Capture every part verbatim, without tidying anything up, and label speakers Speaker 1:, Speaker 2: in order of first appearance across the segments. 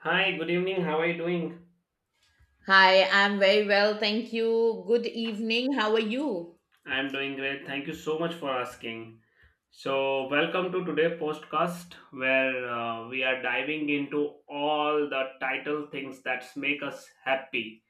Speaker 1: Hi, good evening. How are you doing?
Speaker 2: Hi, I'm very well. Thank you. Good evening. How are you?
Speaker 1: I'm doing great. Thank you so much for asking. So, welcome to today's podcast where uh, we are diving into all the title things that make us happy.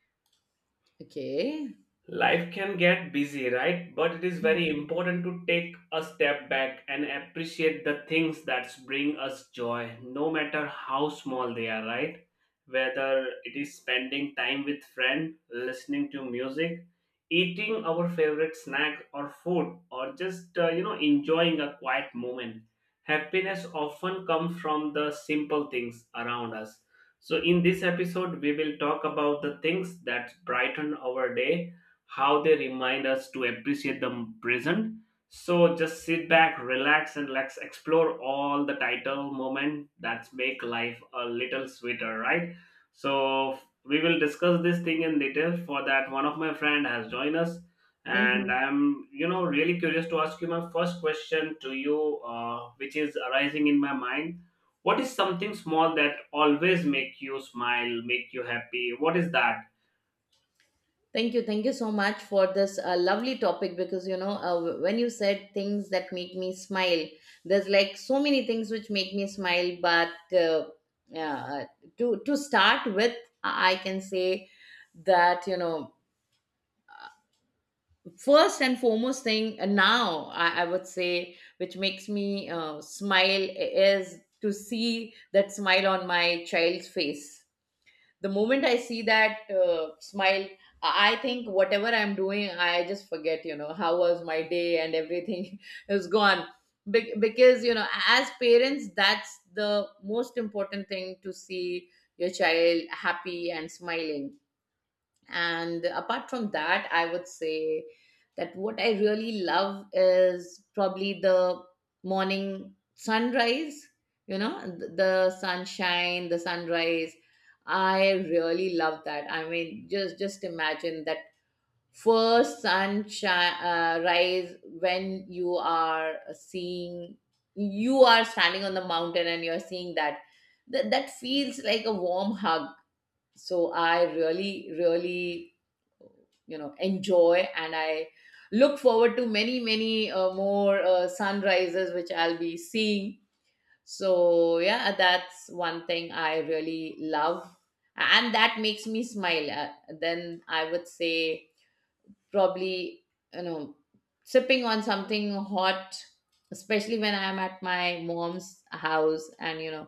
Speaker 2: Okay.
Speaker 1: Life can get busy, right? But it is very important to take a step back and appreciate the things that bring us joy, no matter how small they are, right? Whether it is spending time with friends, listening to music, eating our favorite snack or food, or just uh, you know enjoying a quiet moment. Happiness often comes from the simple things around us. So in this episode, we will talk about the things that brighten our day, how they remind us to appreciate the present. So just sit back, relax, and let's explore all the title moment that make life a little sweeter, right? So we will discuss this thing in detail. For that, one of my friend has joined us, and
Speaker 2: Mhm.
Speaker 1: I'm you know really curious to ask you my first question to you, uh, which is arising in my mind. What is something small that always make you smile, make you happy? What is that?
Speaker 2: Thank you. Thank you so much for this uh, lovely topic because, you know, uh, when you said things that make me smile, there's like so many things which make me smile. But uh, yeah, uh, to, to start with, I can say that, you know, first and foremost thing uh, now I, I would say which makes me uh, smile is to see that smile on my child's face. The moment I see that uh, smile, i I think whatever I'm doing, I just forget, you know, how was my day, and everything is gone. Be- because, you know, as parents, that's the most important thing, to see your child happy and smiling. And apart from that, I would say that what I really love is probably the morning sunrise, you know, th- the sunshine, the sunrise. I really love that. I mean, just just imagine that first sunshine uh, rise, when you are seeing, you are standing on the mountain and you're seeing that, that, that feels like a warm hug. So I really, really, you know, enjoy, and I look forward to many many uh, more uh, sunrises which I'll be seeing. So yeah, that's one thing I really love, and that makes me smile. Uh, then I would say, probably, you know, sipping on something hot, especially when I'm at my mom's house, and you know,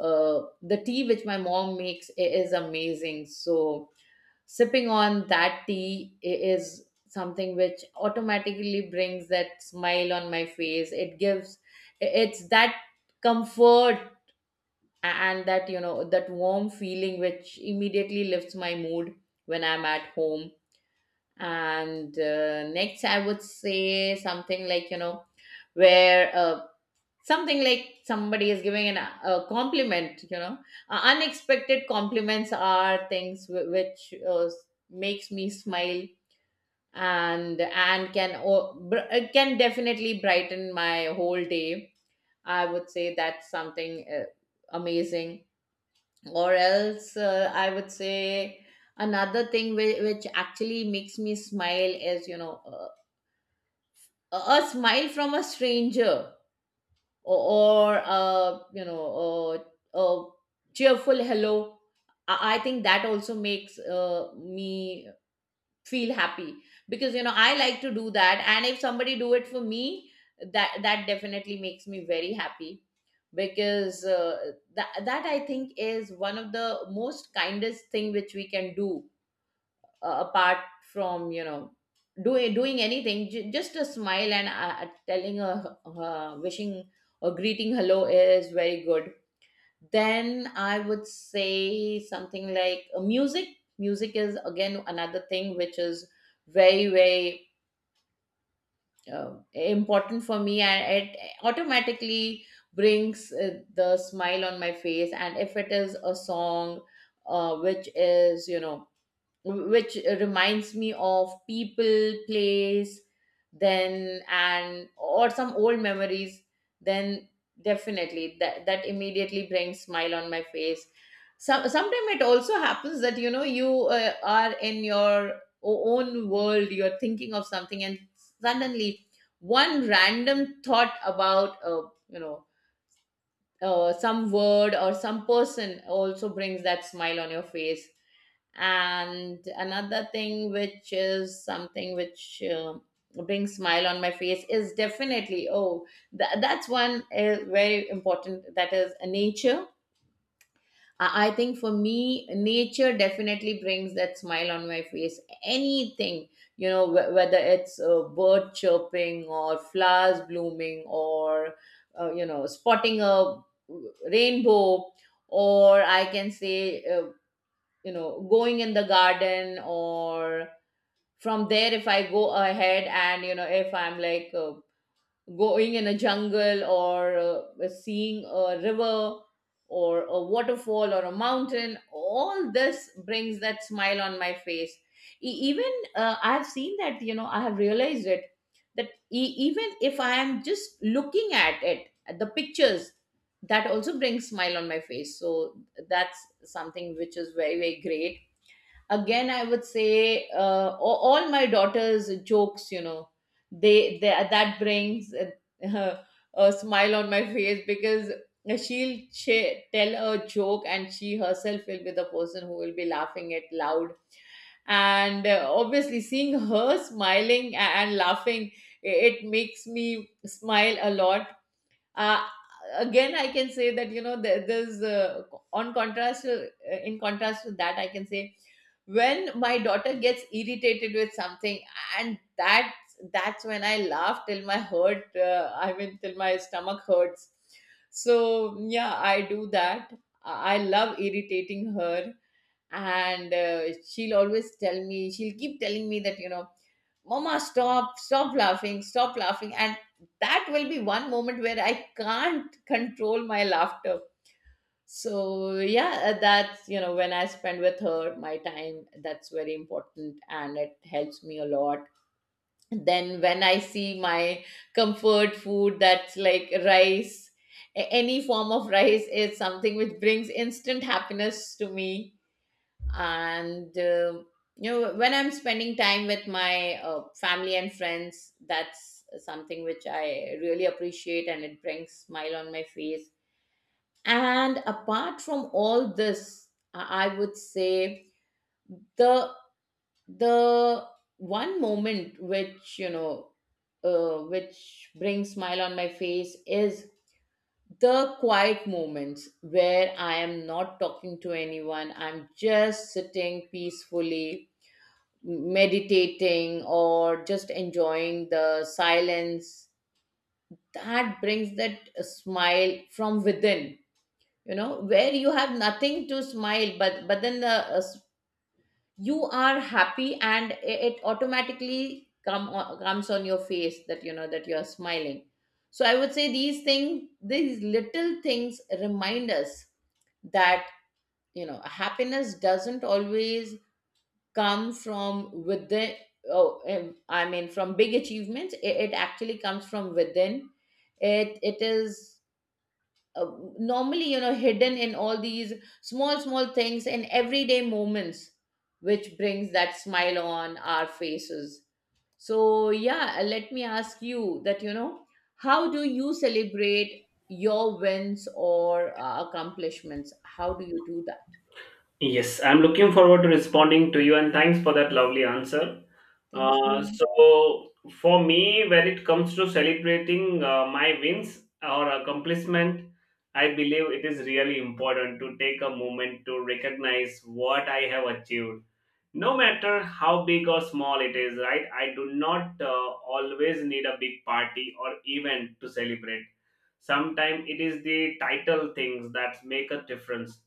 Speaker 2: uh, the tea which my mom makes i- is amazing. So sipping on that tea i- is something which automatically brings that smile on my face. It gives, it's that comfort, and that, you know, that warm feeling which immediately lifts my mood when I'm at home. And uh, next I would say something like, you know, where uh, something like, somebody is giving an a compliment, you know. Uh, unexpected compliments are things wh- which uh, makes me smile, and and can o- br- uh, can definitely brighten my whole day. I would say that's something uh, amazing. Or else, uh, I would say another thing which, which actually makes me smile is, you know, uh, a a smile from a stranger, or, or uh, you know, a, a cheerful hello. I I think that also makes uh, me feel happy, because, you know, I like to do that, and if somebody do it for me, that that definitely makes me very happy, because uh, that that, I think, is one of the most kindest thing which we can do, uh, apart from, you know, doing doing anything. J- just a smile and uh, telling a uh, wishing or greeting hello is very good. Then I would say something like uh, music music is again another thing which is very, very uh, important for me, and it automatically brings uh, the smile on my face. And if it is a song, uh, which is, you know, which reminds me of people, place, then, and or some old memories, then definitely that that immediately brings smile on my face. Some sometimes it also happens that, you know, you uh, are in your o- own world, you're thinking of something, and suddenly one random thought about uh, you know, uh, some word or some person also brings that smile on your face. And another thing which is something which uh, brings smile on my face is definitely, oh, tha- that's one is very important, that is uh, nature. I I think for me, nature definitely brings that smile on my face. Anything, you know, wh- whether it's a bird chirping or flowers blooming, or uh, you know, spotting a uh, rainbow, or I can say, uh, you know, going in the garden, or from there, if I go ahead, and you know, if I'm like uh, going in a jungle, or uh, seeing a river or a waterfall or a mountain, all this brings that smile on my face. E- even uh, I've seen that, you know, I have realized it, that e- even if I am just looking at it, at the pictures, that also brings smile on my face. So that's something which is very, very great. Again, I would say uh, a- all my daughters jokes, you know, they, they, that brings a, a smile on my face, because she'll ch- tell a joke and she herself will be the person who will be laughing it loud. And uh, obviously seeing her smiling a- and laughing, i- it makes me smile a lot. uh, Again, I can say that, you know, there, there's uh, on contrast uh, in contrast to that, I can say, when my daughter gets irritated with something, and that that's when I laugh till my hurt uh, I mean till my stomach hurts. So yeah, I do that. i I love irritating her, and uh, she'll always tell me, she'll keep telling me that, you know, mama, stop stop laughing, stop laughing, and that will be one moment where I can't control my laughter. So yeah, uh, that's, you know, when I spend with her my time, that's very important and it helps me a lot. Then when I see my comfort food, that's like rice, a- any form of rice is something which brings instant happiness to me. And uh, you know, when I'm spending time with my uh, family and friends, that's something which I really appreciate, and it brings smile on my face. And apart from all this, i I would say the the one moment which, you know, uh, which brings smile on my face is the quiet moments, where I am not talking to anyone, I'm just sitting peacefully, meditating or just enjoying the silence. That brings that smile from within, you know, where you have nothing to smile, but but then the uh, s- you are happy, and i- it automatically come o- comes on your face, that, you know, that you are smiling. So I would say these things, these little things remind us that, you know, happiness doesn't always come from within, oh um, i mean from big achievements, it, it actually comes from within. It it is uh, normally, you know, hidden in all these small, small things, in everyday moments, which brings that smile on our faces. So yeah, uh, let me ask you that, you know, how do you celebrate your wins or uh, accomplishments? How do you do that?
Speaker 1: Yes, I'm looking forward to responding to you and thanks for that lovely answer.
Speaker 2: Thank
Speaker 1: Uh,
Speaker 2: you.
Speaker 1: so, for me, when it comes to celebrating uh, my wins or accomplishment, I believe it is really important to take a moment to recognize what I have achieved no matter how big or small it is, right? I do not uh, always need a big party or event to celebrate. Sometimes it is the title things that make a difference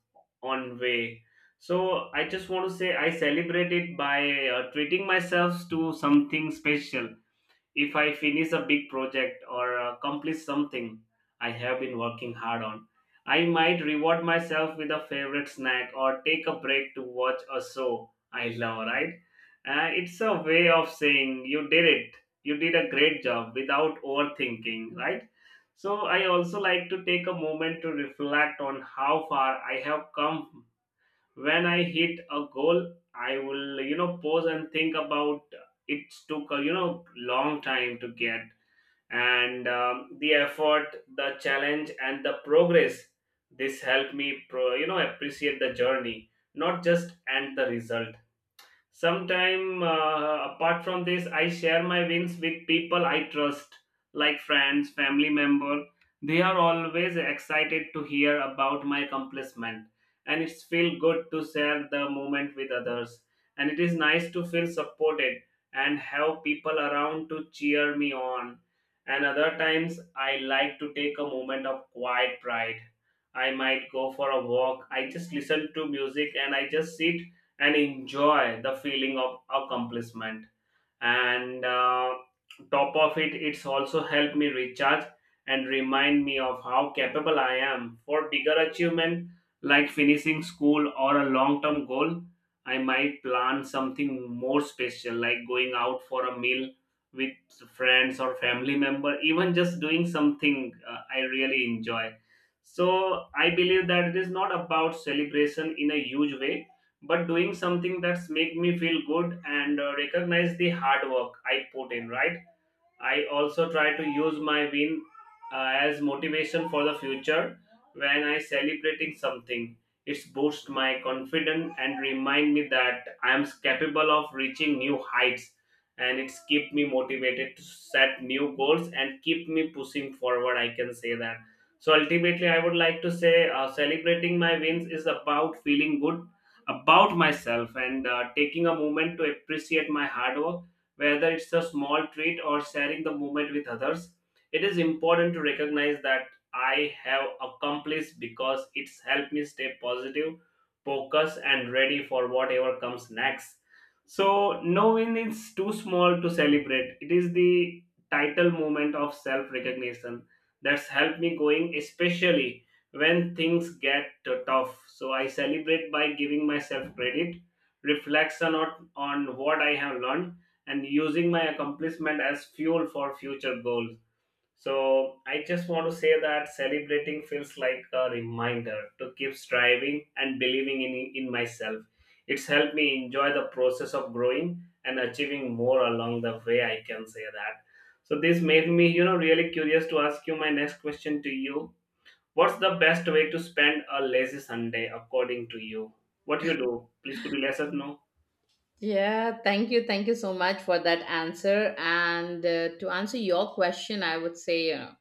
Speaker 1: on way. So I just want to say I celebrate it by uh, treating myself to something special. If I finish a big project or accomplish something I have been working hard on, I might reward myself with a favorite snack or take a break to watch a show I love, right? Uh, it's a way of saying you did it. You did a great job without overthinking, right? So I also like to take a moment to reflect on how far I have come. When I hit a goal, I will, you know, pause and think about it took a, you know, long time to get, and um, the effort, the challenge and the progress. This helped me, pro, you know, appreciate the journey, not just and the result. Sometime, uh, apart from this, I share my wins with people I trust, like friends, family member. They are always excited to hear about my accomplishment, and it's feel good to share the moment with others. And it is nice to feel supported and have people around to cheer me on. And other times, I like to take a moment of quiet pride. I might go for a walk. I just listen to music and I just sit and enjoy the feeling of accomplishment, and uh, top of it it's also helped me recharge and remind me of how capable I am for bigger achievement. Like finishing school or a long term goal, I might plan something more special like going out for a meal with friends or family member, even just doing something uh, I really enjoy. So I believe that it is not about celebration in a huge way, but doing something that's make me feel good and uh, recognize the hard work I put in, right? I also try to use my win uh, as motivation for the future. When I celebrating something, it's boost my confidence and remind me that I am capable of reaching new heights. And it's keep me motivated to set new goals and keep me pushing forward. I can say that. So ultimately, I would like to say uh, celebrating my wins is about feeling good about myself and uh, taking a moment to appreciate my hard work, whether it's a small treat or sharing the moment with others. It is important to recognize that I have accomplished because it's helped me stay positive, focused, and ready for whatever comes next. So, no win is too small to celebrate. It is the title moment of self recognition that's helped me going, especially when things get tough. So, I celebrate by giving myself credit, reflection on, on what I have learned and using my accomplishment as fuel for future goals. So I just want to say that celebrating feels like a reminder to keep striving and believing in, in myself. It's helped me enjoy the process of growing and achieving more along the way, I can say that. So this made me, you know, really curious to ask you my next question to you. What's the best way to spend a lazy Sunday according to you? What you do? Please could you let us know?
Speaker 2: Yeah, thank you. Thank you so much for that answer. And uh, to answer your question, I would say, you know,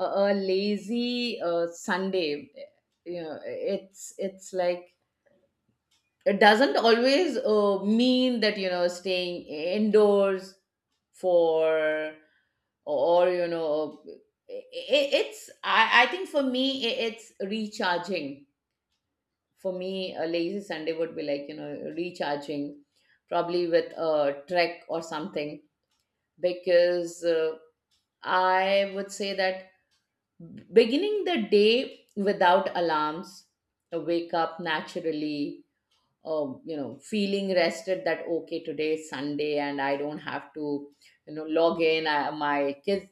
Speaker 2: a, a lazy uh, Sunday, you know, it's it's like, it doesn't always uh, mean that, you know, staying indoors for, or you know, it, it's, I, I think for me i- it's recharging. For me, a lazy Sunday would be like, you know, recharging, probably with a trek or something. Because uh, I would say that, beginning the day without alarms, uh, wake up naturally, um, you know, feeling rested that okay, today is Sunday and I don't have to, you know, log in. I, my kids,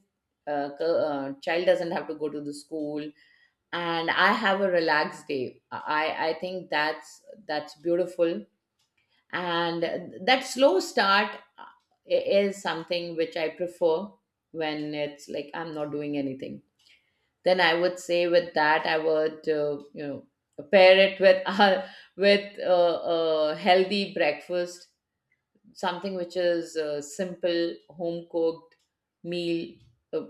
Speaker 2: uh, c- uh, child doesn't have to go to the school, and I have a relaxed day. I I think that's that's beautiful, and that slow start uh, is something which I prefer, when it's like I'm not doing anything. Then I would say, with that, I would, uh, you know, pair it with uh, with uh, a healthy breakfast, something which is a simple home cooked meal, uh,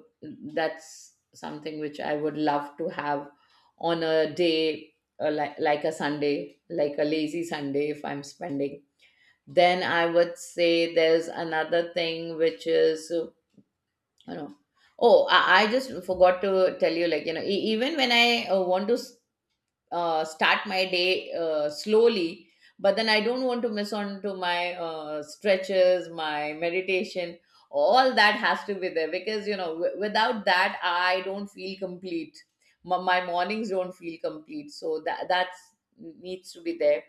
Speaker 2: that's something which I would love to have on a day uh, like, like a Sunday, like a lazy Sunday, if I'm spending. Then I would say there's another thing which is uh, you know, oh, i, I just forgot to tell you, like you know, e- even when I uh, want to uh, start my day uh, slowly, but then I don't want to miss on to my uh, stretches, my meditation. All that has to be there, because you know, w- without that I don't feel complete. My, my mornings don't feel complete, so that that's needs to be there.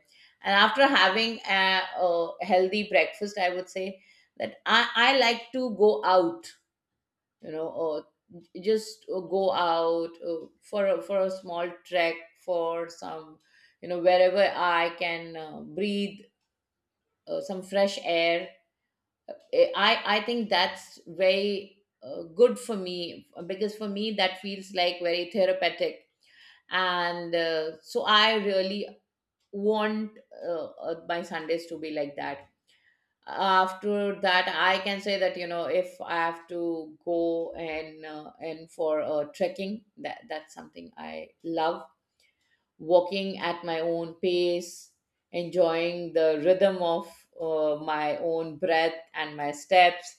Speaker 2: And after having a, a healthy breakfast, I would say that i, I like to go out, you know, or just uh, go out uh, for a, for a small trek, for some, you know, wherever I can uh, breathe uh, some fresh air. Eh, i i think that's very uh, good for me, because for me that feels like very therapeutic. And uh, so I really want uh, uh, my Sundays to be like that. After that, I can say that, you know, if I have to go and uh, and for uh, trekking, that that's something I love. Walking at my own pace, enjoying the rhythm of uh, my own breath and my steps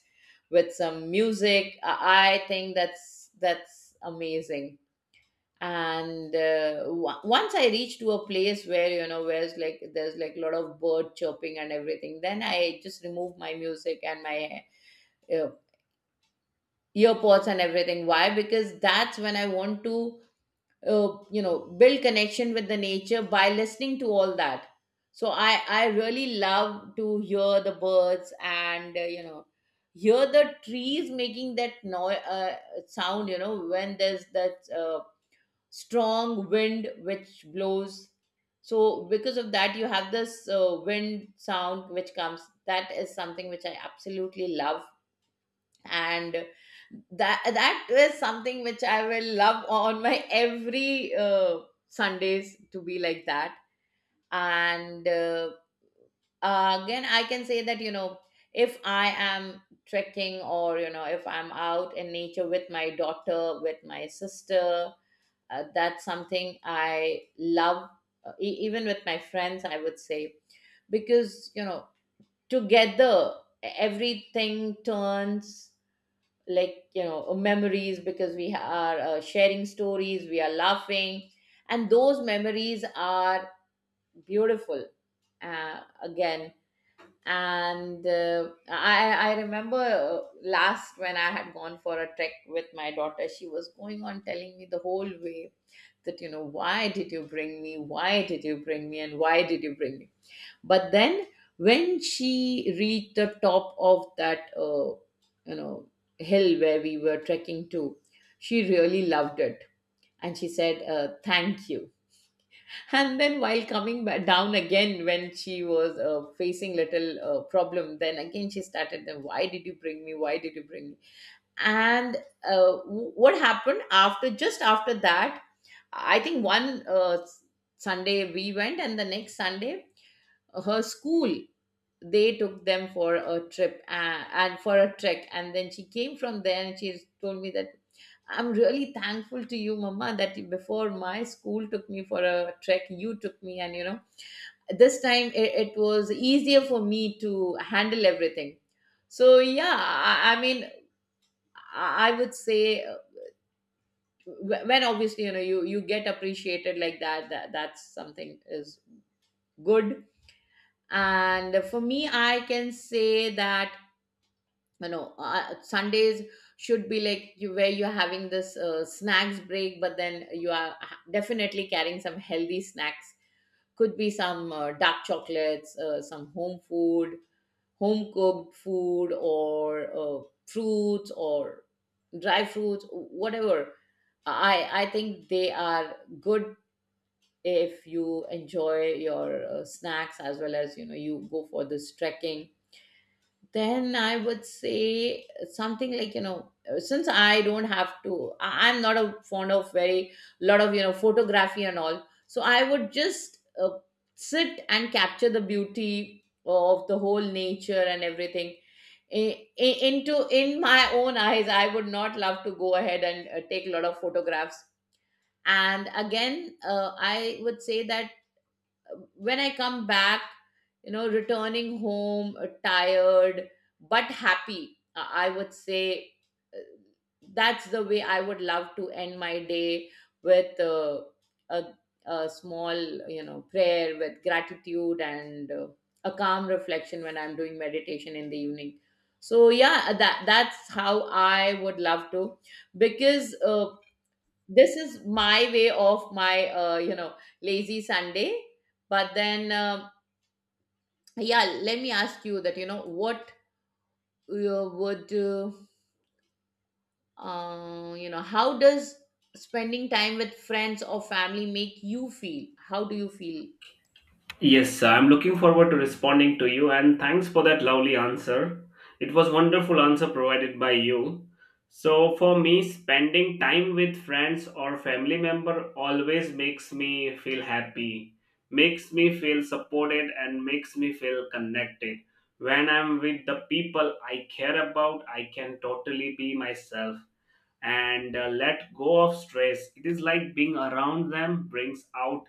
Speaker 2: with some music, i I think that's that's amazing. And uh, wa- once I reached to a place where you know where's like there's like a lot of bird chirping and everything, then I just remove my music and my uh, earpods and everything. Why? Because that's when I want to uh, you know build connection with the nature by listening to all that. So i i really love to hear the birds, and uh, you know hear the trees making that noise, uh, sound, you know, when there's that uh, strong wind which blows. So because of that you have this uh, wind sound which comes. That is something which I absolutely love. And that that is something which I will love on my every uh, sundays to be like that. And uh, again, I can say that, you know, if I am trekking, or you know, if I'm out in nature with my daughter, with my sister, uh, that's something I love. Uh, e- even with my friends, I would say, because, you know, together e-, everything turns like, you know, memories, because we are uh, sharing stories, we are laughing, and those memories are beautiful. Uh, again And uh, I, I remember uh, last when I had gone for a trek with my daughter, she was going on telling me the whole way that, you know, why did you bring me, why did you bring me, and why did you bring me. But then when she reached the top of that uh, you know hill where we were trekking to, she really loved it. And she said uh, thank you. And then while coming back down again, when she was uh, facing little uh, problem, then again she started, then why did you bring me, why did you bring me. And uh, w- what happened after, just after that, I think one uh, s- sunday we went, and the next sunday her school, they took them for a trip uh, and for a trek, and then she came from there and she told me that I'm really thankful to you, mama, that before my school took me for a trek, you took me, and, you know, this time it, it was easier for me to handle everything. So yeah, i, I mean i I would say, wh- when obviously, you know, you you get appreciated like that, that that's something is good. And for me, I can say that, you know, uh, sundays should be like, you, where you're having this uh, snacks break, but then you are ha- definitely carrying some healthy snacks. Could be some uh, dark chocolates, uh, some home food, home cooked food, or uh, fruits or dry fruits, whatever. I i think they are good. If you enjoy your uh, snacks as well as, you know, you go for this trekking, then I would say, something like, you know, uh, since I don't have to, I- I'm not a fond of very lot of, you know, photography and all, so I would just uh, sit and capture the beauty of the whole nature and everything. I- I- into In my own eyes, I would not love to go ahead and uh, take a lot of photographs. And again, uh, I would say that when I come back, you know, returning home, uh, tired but happy, I I would say uh, that's the way I would love to end my day with uh, a, a small, you know, prayer with gratitude and uh, a calm reflection when I'm doing meditation in the evening. So yeah, that that's how I would love to. Because uh, this is my way of my, uh, you know, lazy sunday. But then uh, yeah, let me ask you that, you know what, uh, would uh, uh, you know, how does spending time with friends or family make you feel? How do you feel?
Speaker 1: Yes, I'm looking forward to responding to you and thanks for that lovely answer. It was wonderful answer provided by you. So for me spending time with friends or family member always makes me feel happy, makes me feel supported and makes me feel connected. When I'm with the people I care about, I can totally be myself and uh, let go of stress. It is like being around them brings out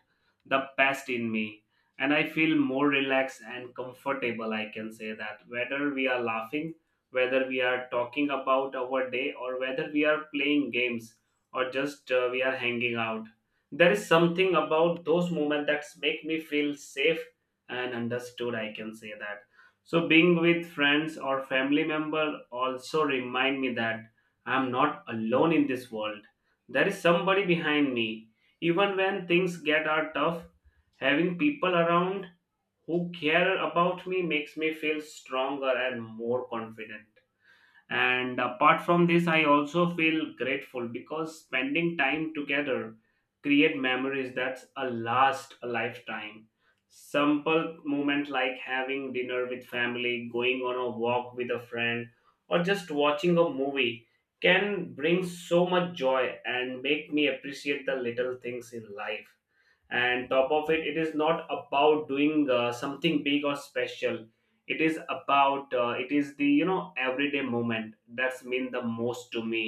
Speaker 1: the best in me. And I feel more relaxed and comfortable. I can say that whether we are laughing, whether we are talking about our day, or whether we are playing games, or just uh, we are hanging out, there is something about those moments that make me feel safe and understood. I can say that. So being with friends or family member also remind me that I am not alone in this world. There is somebody behind me. Even when things get are tough, having people around who care about me makes me feel stronger and more confident. And apart from this, I also feel grateful because spending time together create memories that a last a lifetime. Simple moment like having dinner with family, going on a walk with a friend, or just watching a movie can bring so much joy and make me appreciate the little things in life. And top of it, it is not about doing uh, something big or special. It is about uh, it is the, you know, everyday moment that's mean the most to me.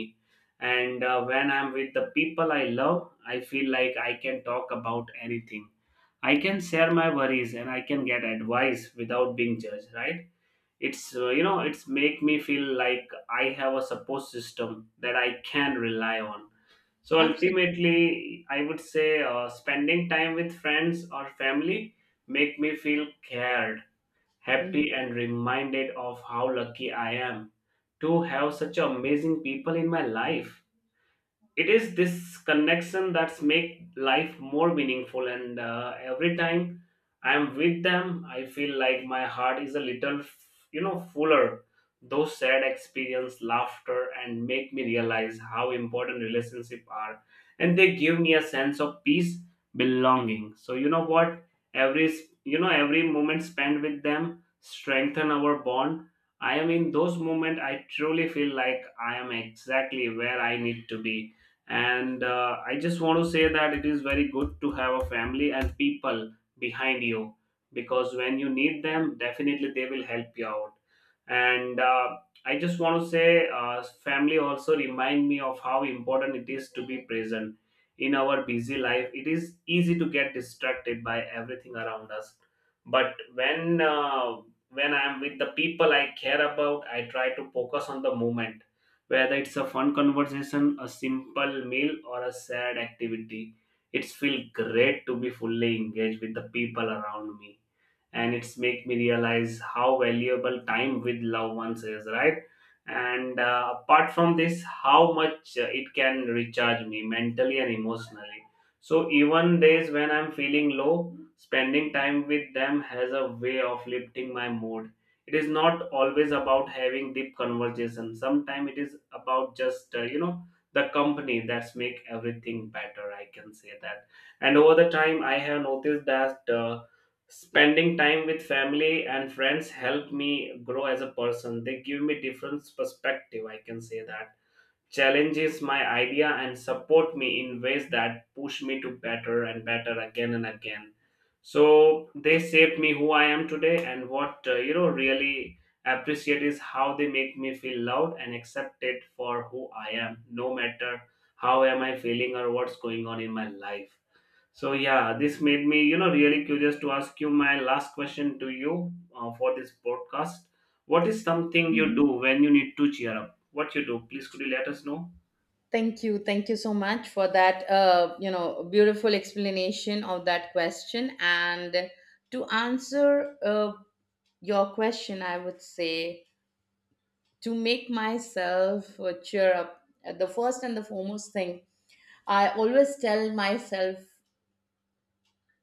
Speaker 1: And uh, when I'm with the people I love, I feel like I can talk about anything. I can share my worries and I can get advice without being judged, right? It's uh, you know it's make me feel like I have a support system that I can rely on. So
Speaker 2: Absolutely.
Speaker 1: ultimately, I would say uh, spending time with friends or family make me feel cared, happy,
Speaker 2: Mhm.
Speaker 1: and reminded of how lucky I am to have such amazing people in my life. It is this connection that's make life more meaningful, and uh, every time I'm with them I feel like my heart is a little, you know fuller. Those sad experience laughter and make me realize how important relationships are, and they give me a sense of peace, belonging. So you know what, every s- you know every moment spent with them strengthen our bond. I am in those moments I truly feel like I am exactly where I need to be. And uh, I just want to say that it is very good to have a family and people behind you, because when you need them definitely they will help you out. And uh, I just want to say uh, family also remind me of how important it is to be present. In our busy life it is easy to get distracted by everything around us, but when uh, when I am with the people I care about I try to focus on the moment, whether it's a fun conversation, a simple meal, or a sad activity. It's feel great to be fully engaged with the people around me and it's make me realize how valuable time with loved ones is, right? And uh, apart from this how much uh, it can recharge me mentally and emotionally. So even days when I'm feeling low spending time with them has a way of lifting my mood. It is not always about having deep conversation. Sometimes it is about just uh, you know the company that's make everything better, I can say that. And over the time I have noticed that uh, spending time with family and friends help me grow as a person. They give me different perspective, I can say that. Challenges my idea and support me in ways that push me to better and better again and again. So they shaped me who I am today and what uh, you know really appreciate is how they make me feel loved and accepted for who I am, no matter how am I feeling or what's going on in my life. So yeah, this made me, you know, really curious to ask you my last question to you uh, for this podcast. What is something you do
Speaker 2: Mhm.
Speaker 1: when you need to cheer up? What you do? Please could you let us know?
Speaker 2: Thank you. Thank you so much for that, uh, you know, beautiful explanation of that question. And to answer uh, your question, I would say, to make myself uh, cheer up, uh, the first and the foremost thing I always tell myself,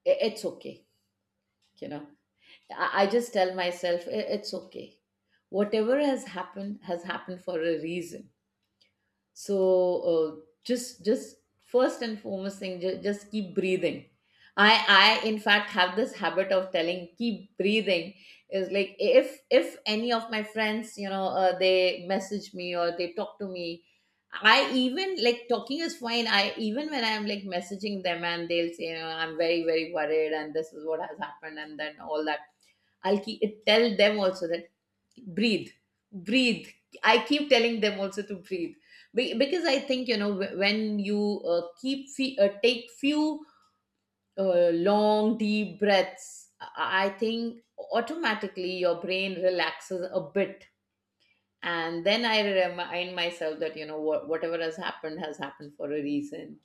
Speaker 2: "I- It's okay, you know." i, I just tell myself, "I- It's okay, whatever has happened has happened for a reason." So uh, just just first and foremost thing, just, just keep breathing. I i in fact have this habit of telling keep breathing. Is like, if if any of my friends, you know, uh, they message me or they talk to me. I even, like, talking is fine. I even when I'm like messaging them, and they'll say, you know, I'm very very worried, and this is what has happened and then all that, I'll keep tell them also that, breathe, breathe. I keep telling them also to breathe. Be- because I think, you know, wh- when you uh, keep fe- uh, take few uh, long deep breaths, i I think automatically your brain relaxes a bit. And then I remind myself that, you know what, whatever has happened has happened for a reason.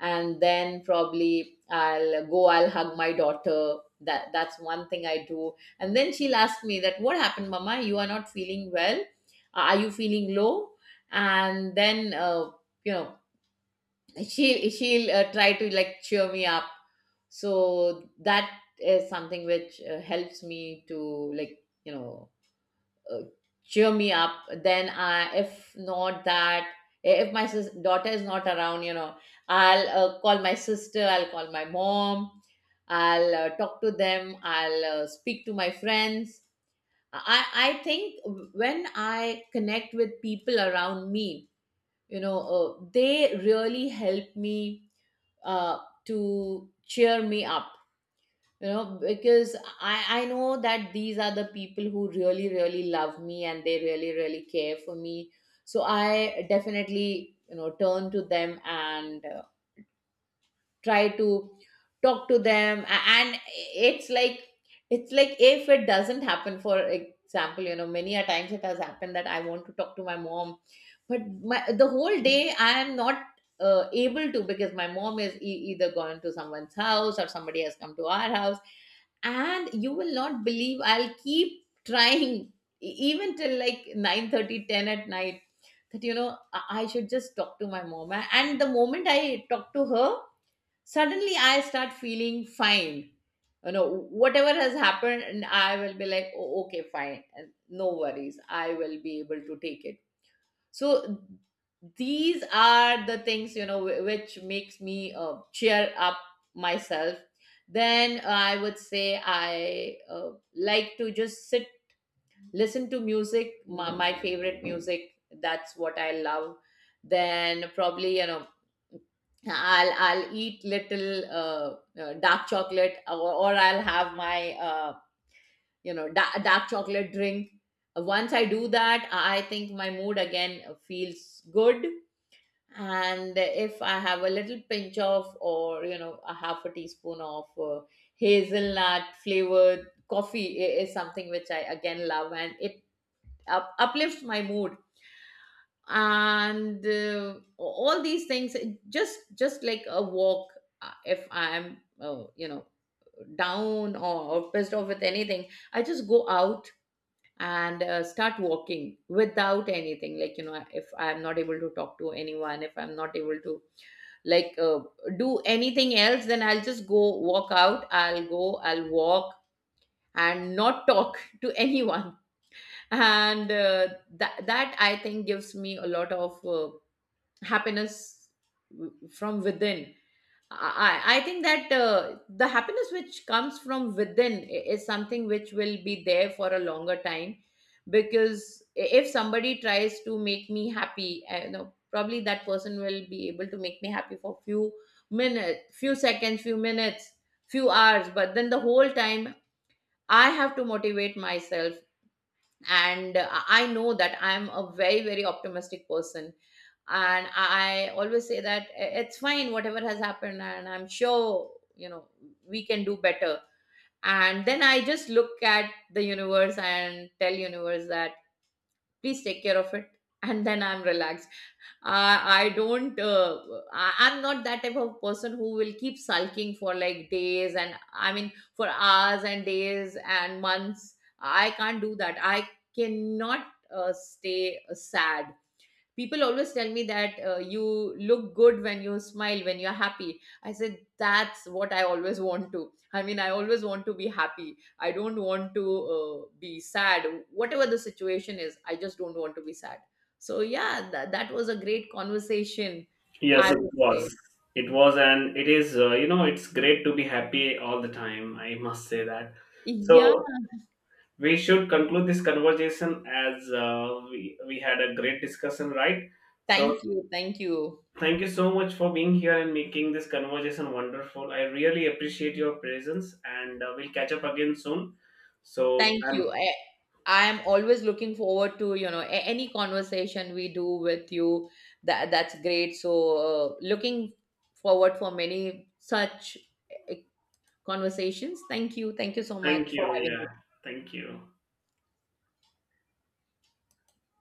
Speaker 2: And then probably I'll go, I'll hug my daughter, that that's one thing I do. And then she'll ask me that, what happened, mama, you are not feeling well? Uh, are you feeling low? And then uh, you know she she'll uh, try to like cheer me up. So that is something which uh, helps me to, like, you know, uh, cheer me up. Then I, if not that, eh, if my sis- daughter is not around, you know, I'll uh, call my sister, I'll call my mom, I'll uh, talk to them, I'll uh, speak to my friends. I i think when I connect with people around me, you know, uh, they really help me uh, to cheer me up. You know, because i i know that these are the people who really really love me and they really really care for me. So I definitely, you know, turn to them and uh, try to talk to them. A- and it's like, it's like, if it doesn't happen, for example, you know, many a times it has happened that I want to talk to my mom, but my, the whole day I am not uh, able to, because my mom is e- either gone to someone's house or somebody has come to our house. And you will not believe, I'll keep trying e- even till like nine thirty, ten at night, that, you know, i I should just talk to my mom. A- and the moment I talk to her, suddenly I start feeling fine. You know, whatever has happened, and I will be like, oh, okay, fine, and no worries, I will be able to take it. So these are the things, you know, wh- which makes me uh, cheer up myself. Then uh, I would say I uh, like to just sit, listen to music, my, my favorite music, that's what I love. Then probably, you know, I'll I'll eat little uh, uh, dark chocolate, or, or I'll have my uh, you know da- dark chocolate drink. Once I do that, I think my mood again feels good. And if I have a little pinch of, or you know, a half a teaspoon of uh, hazelnut flavored coffee I- is something which I again love, and it up, uplift my mood and uh, all these things. just just like a walk. Uh, if I'm uh, you know down, or, or pissed off with anything, I just go out and uh, start walking without anything. Like, you know, if I'm not able to talk to anyone, if I'm not able to like uh, do anything else, then I'll just go walk out, I'll go, I'll walk, and not talk to anyone. And uh, that that I think gives me a lot of uh, happiness w- from within. I i I think that uh, the happiness which comes from within I- is something which will be there for a longer time. Because I- if somebody tries to make me happy, I, you know, probably that person will be able to make me happy for few minutes, few seconds, few minutes, few hours, but then the whole time I have to motivate myself. And i I know that I'm a very very optimistic person, and I always say that I- it's fine, whatever has happened, and I'm sure, you know, we can do better. And then I just look at the universe and tell universe that please take care of it and then I'm relaxed. I I don't uh, I, I'm not that type of person who will keep sulking for like days, and I mean for hours and days and months, I can't do that. I cannot uh, stay sad. People always tell me that uh, you look good when you smile, when you're happy. I said that's what I always want to, I mean, I always want to be happy. I don't want to uh, be sad. Whatever the situation is, I just don't want to be sad. So yeah, that, that was a great conversation,
Speaker 1: Yes,
Speaker 2: I
Speaker 1: it
Speaker 2: would say.
Speaker 1: was. It was, and it is, uh, you know, it's great to be happy all the time. I must say that.
Speaker 2: Yeah,
Speaker 1: So we should conclude this conversation as uh, we, we had a great discussion, right? So
Speaker 2: thank you, thank you.
Speaker 1: thank you so much for being here and making this conversation wonderful. I really appreciate your presence, and uh, we'll catch up again soon. So,
Speaker 2: Thank you.
Speaker 1: um,
Speaker 2: I, I'm always looking forward to, you know, a- any conversation we do with you. That that's great. So, uh, looking forward for many such uh, conversations. Thank you. Thank you so
Speaker 1: thank
Speaker 2: much
Speaker 1: you.
Speaker 2: for having
Speaker 1: Yeah,
Speaker 2: me.
Speaker 1: thank you.